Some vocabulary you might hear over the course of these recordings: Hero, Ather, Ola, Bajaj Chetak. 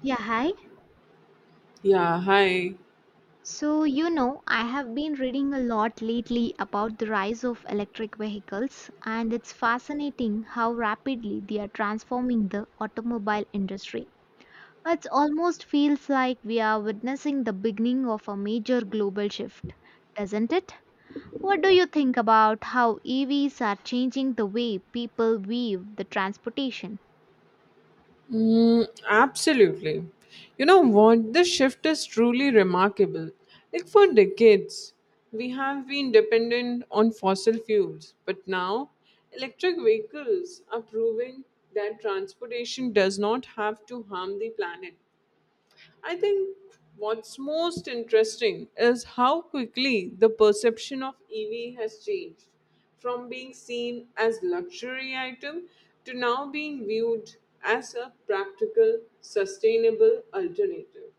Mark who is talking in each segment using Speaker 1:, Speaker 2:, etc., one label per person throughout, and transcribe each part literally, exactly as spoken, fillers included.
Speaker 1: Yeah, hi.
Speaker 2: Yeah, hi.
Speaker 1: So, you know, I have been reading a lot lately about the rise of electric vehicles, and it's fascinating how rapidly they are transforming the automobile industry. It almost feels like we are witnessing the beginning of a major global shift, doesn't it? What do you think about how E Vs are changing the way people view the transportation?
Speaker 2: Mm, absolutely. You know what? This shift is truly remarkable. Like for decades, we have been dependent on fossil fuels, but now electric vehicles are proving that transportation does not have to harm the planet. I think what's most interesting is how quickly the perception of E V has changed from being seen as luxury item to now being viewed as a practical sustainable alternative.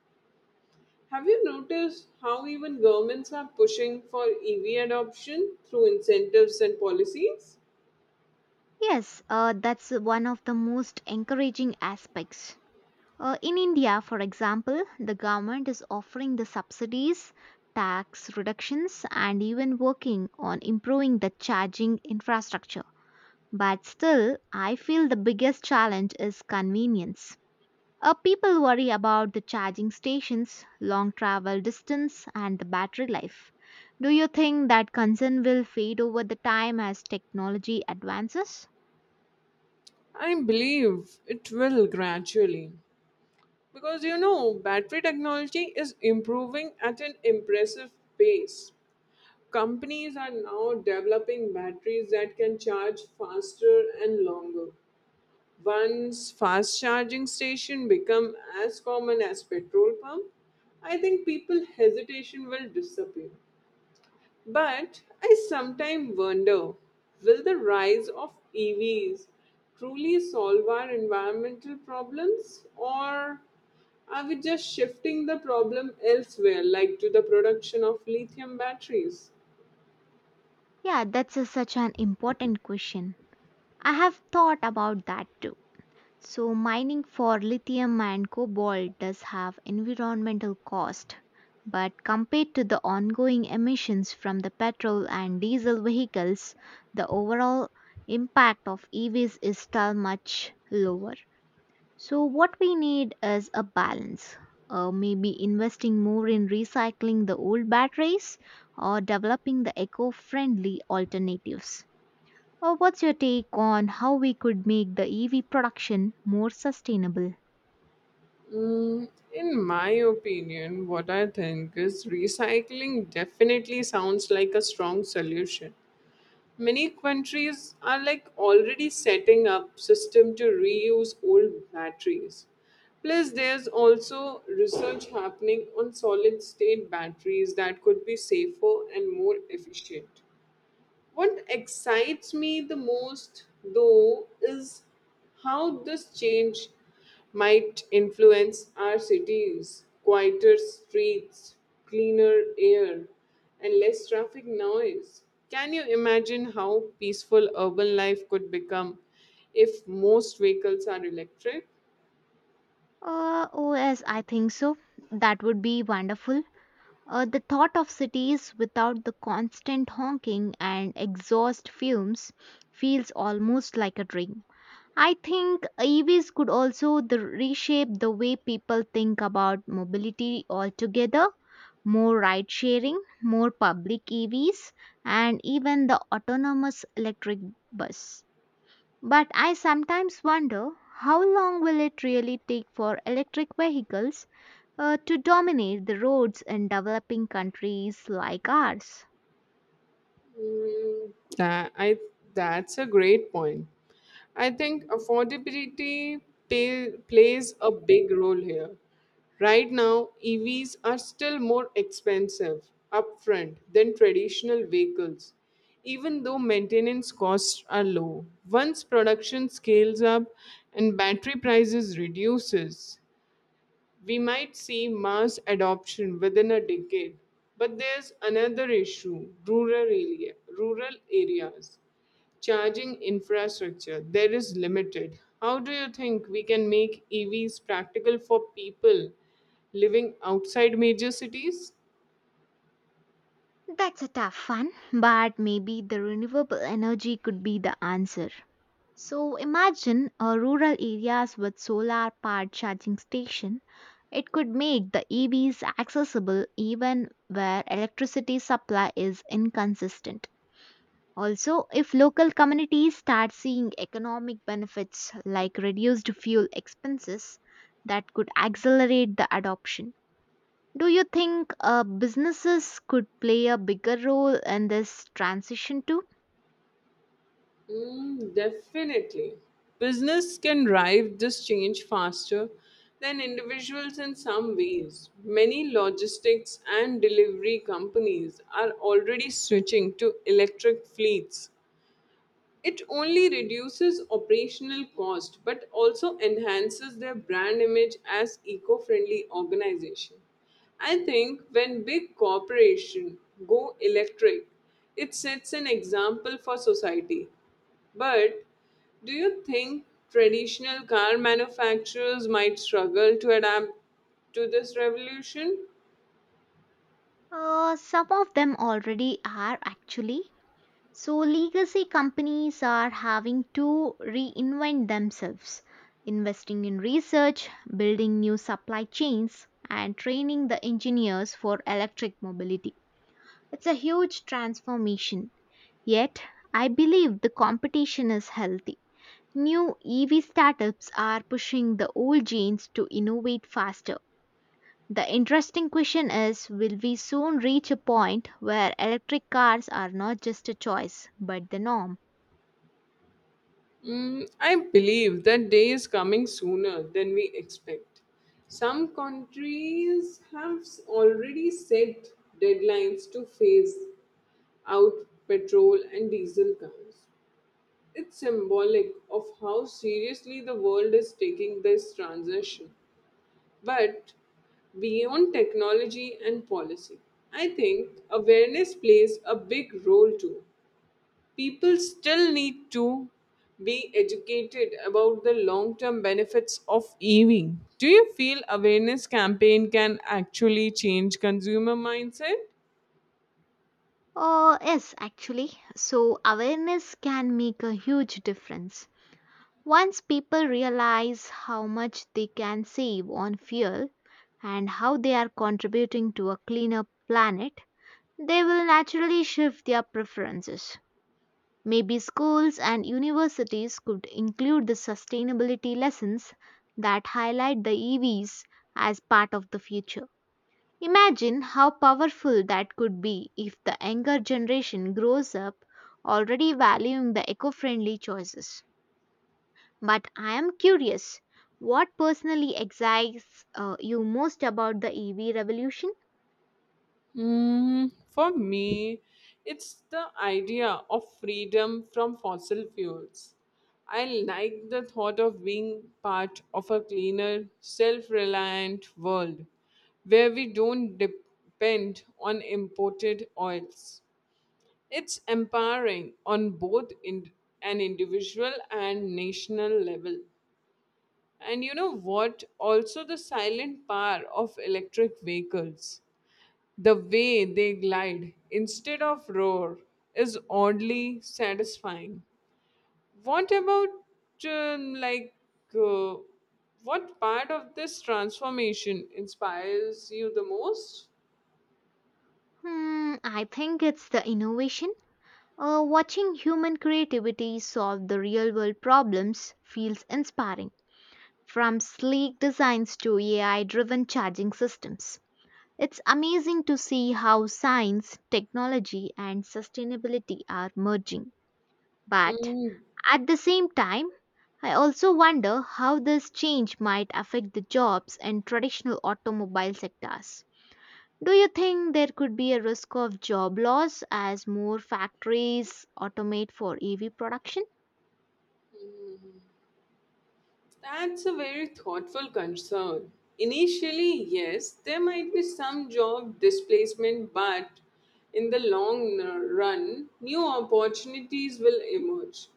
Speaker 2: Have you noticed how even governments are pushing for E V adoption through incentives and policies?
Speaker 1: Yes, uh, that's one of the most encouraging aspects. Uh, in India, for example, the government is offering the subsidies, tax reductions, and even working on improving the charging infrastructure. But still, I feel the biggest challenge is convenience. Uh, people worry about the charging stations, long travel distance, and the battery life. Do you think that concern will fade over the time as technology advances?
Speaker 2: I believe it will gradually. Because you know, battery technology is improving at an impressive pace. Companies are now developing batteries that can charge faster and longer. Once fast charging station become as common as petrol pump, I think people hesitation will disappear. But I sometimes wonder, will the rise of E Vs truly solve our environmental problems, or are we just shifting the problem elsewhere, like to the production of lithium batteries?
Speaker 1: Yeah, that's a- such an important question. I have thought about that too. So mining for lithium and cobalt does have environmental cost, but compared to the ongoing emissions from the petrol and diesel vehicles, the overall impact of E Vs is still much lower. So what we need is a balance. Uh, maybe investing more in recycling the old batteries or developing the eco friendly alternatives. Uh, what's your take on how we could make the E V production more sustainable?
Speaker 2: Mm, in my opinion, what I think is recycling definitely sounds like a strong solution. Many countries are like already setting up system to reuse old batteries. Plus, there's also research happening on solid state batteries that could be safer and more efficient. What excites me the most, though, is how this change might influence our cities. Quieter streets, cleaner air, and less traffic noise. Can you imagine how peaceful urban life could become if most vehicles are electric?
Speaker 1: Uh, oh, yes, I think so. That would be wonderful. Uh, the thought of cities without the constant honking and exhaust fumes feels almost like a dream. I think E Vs could also the reshape the way people think about mobility altogether. More ride sharing, more public E Vs, and even the autonomous electric bus. But I sometimes wonder how long will it really take for electric vehicles uh, to dominate the roads in developing countries like ours?
Speaker 2: Mm, that I that's a great point. I think affordability pay, plays a big role here. Right now, E Vs are still more expensive upfront than traditional vehicles, even though maintenance costs are low. Once production scales up and battery prices reduces, we might see mass adoption within a decade, but there's another issue rural, area, rural areas. Charging infrastructure, there is limited. How do you think we can make E Vs practical for people living outside major cities?
Speaker 1: That's a tough one, but maybe the renewable energy could be the answer. So imagine uh, rural areas with solar powered charging station. It could make the E Vs accessible even where electricity supply is inconsistent. Also, if local communities start seeing economic benefits like reduced fuel expenses, that could accelerate the adoption. Do you think uh, businesses could play a bigger role in this transition too?
Speaker 2: Mm, definitely. Business can drive this change faster than individuals in some ways. Many logistics and delivery companies are already switching to electric fleets it only reduces operational cost but also enhances their brand image as eco-friendly organization. I think when big corporations go electric, it sets an example for society. But do you think traditional car manufacturers might struggle to adapt to this revolution?
Speaker 1: Uh, some of them already are actually. So, legacy companies are having to reinvent themselves, investing in research, building new supply chains, and training the engineers for electric mobility. It's a huge transformation. Yet, I believe the competition is healthy. New E V startups are pushing the old genes to innovate faster. The interesting question is, will we soon reach a point where electric cars are not just a choice but the norm?
Speaker 2: Mm, I believe that day is coming sooner than we expect. Some countries have s- already set deadlines to phase out petrol and diesel cars. It's symbolic of how seriously the world is taking this transition. But beyond technology and policy, I think awareness plays a big role too. People still need to be educated about the long term benefits of E V. Do you feel awareness campaign can actually change consumer mindset?
Speaker 1: Oh, yes, actually. So, awareness can make a huge difference. Once people realize how much they can save on fuel and how they are contributing to a cleaner planet, they will naturally shift their preferences. Maybe schools and universities could include the sustainability lessons that highlight the E Vs as part of the future. Imagine how powerful that could be if the younger generation grows up already valuing the eco friendly choices. But I am curious, what personally excites uh, you most about the E V revolution?
Speaker 2: Mm, for me, it's the idea of freedom from fossil fuels. I like the thought of being part of a cleaner, self reliant world where we don't depend on imported oils. It's empowering on both in an individual and national level. And you know what? Also, the silent power of electric vehicles, the way they glide instead of roar, is oddly satisfying. What about um, like uh, what part of this transformation inspires you the most?
Speaker 1: Hmm, I think it's the innovation. Uh, watching human creativity solve the real world problems feels inspiring. From sleek designs to A I driven charging systems. It's amazing to see how science, technology, and sustainability are merging. But
Speaker 2: Mm,
Speaker 1: at the same time, I also wonder how this change might affect the jobs in traditional automobile sectors. Do you think there could be a risk of job loss as more factories automate for E V production?
Speaker 2: That's a very thoughtful concern. Initially, yes, there might be some job displacement, but in the long run, new opportunities will emerge,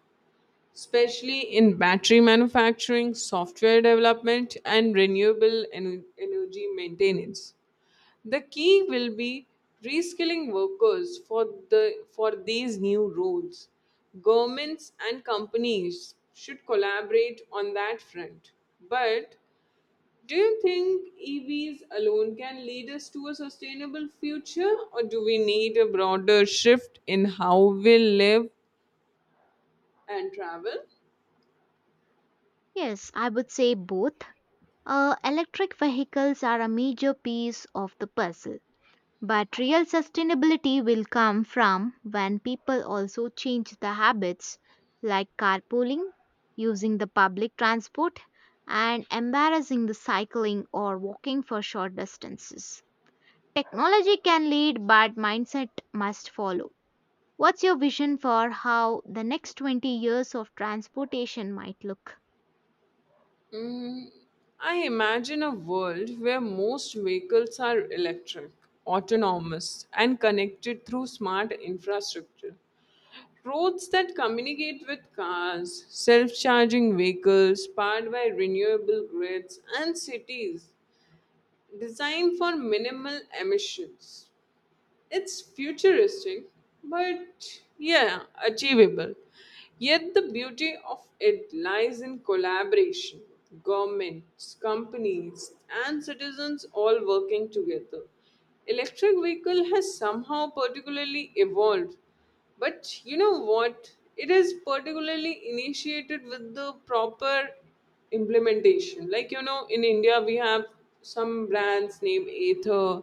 Speaker 2: especially in battery manufacturing, software development, and renewable en- energy maintenance. The key will be reskilling workers for the for these new roles. Governments and companies should collaborate on that front. But do you think E Vs alone can lead us to a sustainable future, or do we need a broader shift in how we live and travel?
Speaker 1: Yes, I would say both. Uh, electric vehicles are a major piece of the puzzle, but real sustainability will come from when people also change the habits like carpooling, using the public transport, and embarrassing the cycling or walking for short distances. Technology can lead, but mindset must follow. What's your vision for how the next twenty years of transportation might look?
Speaker 2: Mm, I imagine a world where most vehicles are electric, autonomous, and connected through smart infrastructure. Roads that communicate with cars, self charging vehicles powered by renewable grids, and cities designed for minimal emissions. It's futuristic, but yeah, achievable. Yet the beauty of it lies in collaboration governments, companies, and citizens all working together. Electric vehicle has somehow particularly evolved, but you know what? It is particularly initiated with the proper implementation. Like you know, in India we have some brands named Ather,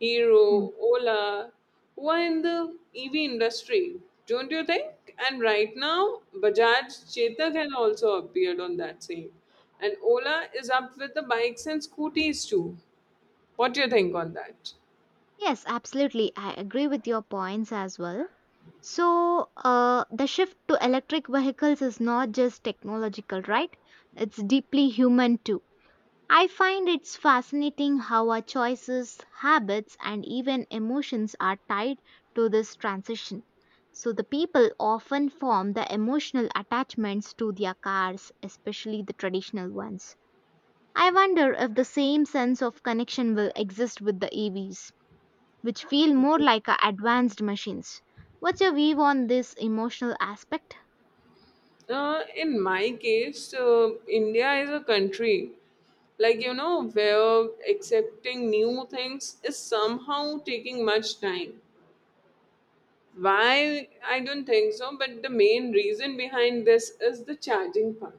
Speaker 2: Hero,
Speaker 1: Hmm.
Speaker 2: Ola, who are in the E V industry. Don't you think? And right now, Bajaj Chetak has also appeared on that same. And Ola is up with the bikes and scooters too. What do you think on that?
Speaker 1: Yes, absolutely. I agree with your points as well. So, uh, the shift to electric vehicles is not just technological, right? It's deeply human too. I find it's fascinating how our choices, habits, and even emotions are tied to this transition. So, the people often form the emotional attachments to their cars, especially the traditional ones. I wonder if the same sense of connection will exist with the E Vs which feel more like uh, advanced machines. What's your view on this emotional aspect?
Speaker 2: Uh, in my case, uh, India is a country, like you know, where accepting new things is somehow taking much time. Why? I don't think so, but the main reason behind this is the charging part.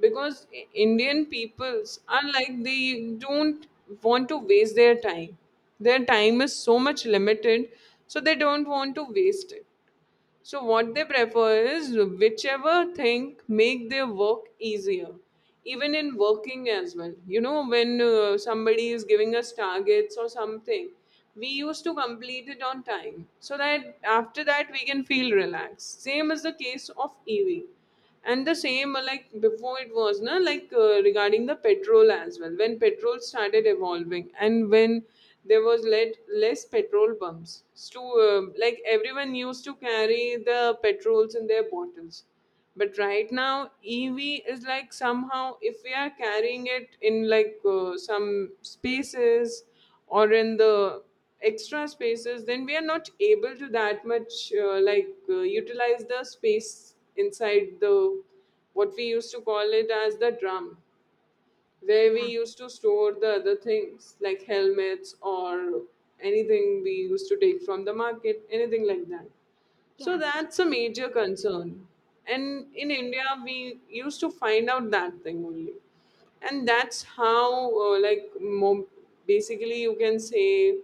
Speaker 2: Because I- Indian peoples are like they don't want to waste their time. Their time is so much limited, so they don't want to waste it, so what they prefer is whichever thing make their work easier, even in working as well. You know, when uh, somebody is giving us targets or something, we used to complete it on time so that after that we can feel relaxed. Same is the case of E V and the same uh, like before it was na like uh, regarding the petrol as well, when petrol started evolving and when there was led less petrol pumps to um like everyone used to carry the petrols in their bottles, but right now ev is like somehow if we are carrying it in like uh, some spaces or in the extra spaces, then we are not able to that much uh, like uh, utilize the space inside the what we used to call it as the drum where we
Speaker 1: Yeah,
Speaker 2: used to store the other things like helmets or anything we used to take from the market, anything like that. So
Speaker 1: yeah,
Speaker 2: that's a major concern. And in India, we used to find out that thing only. And that's how, uh, like, mo- basically, you can say,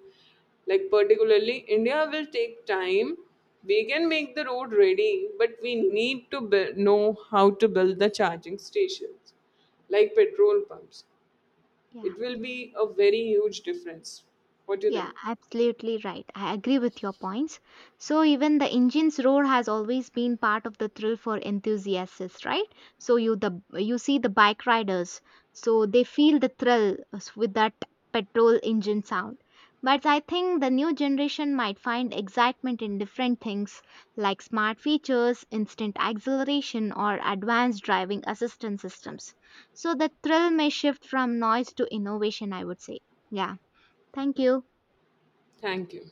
Speaker 2: like, particularly, India will take time. We can make the road ready, but we need to buil- know how to build the charging stations like petrol pumps.
Speaker 1: yeah.
Speaker 2: It will be a very huge difference. What do you think?
Speaker 1: Yeah, absolutely right. I agree with your points. So even the engine's roar has always been part of the thrill for enthusiasts, right? So you the you see the bike riders, so they feel the thrill uh, s- with that petrol engine sound. But I think the new generation might find excitement in different things like smart features, instant acceleration, or advanced driving assistance systems. So the thrill may shift from noise to innovation, I would say. Yeah. Thank you.
Speaker 2: Thank you.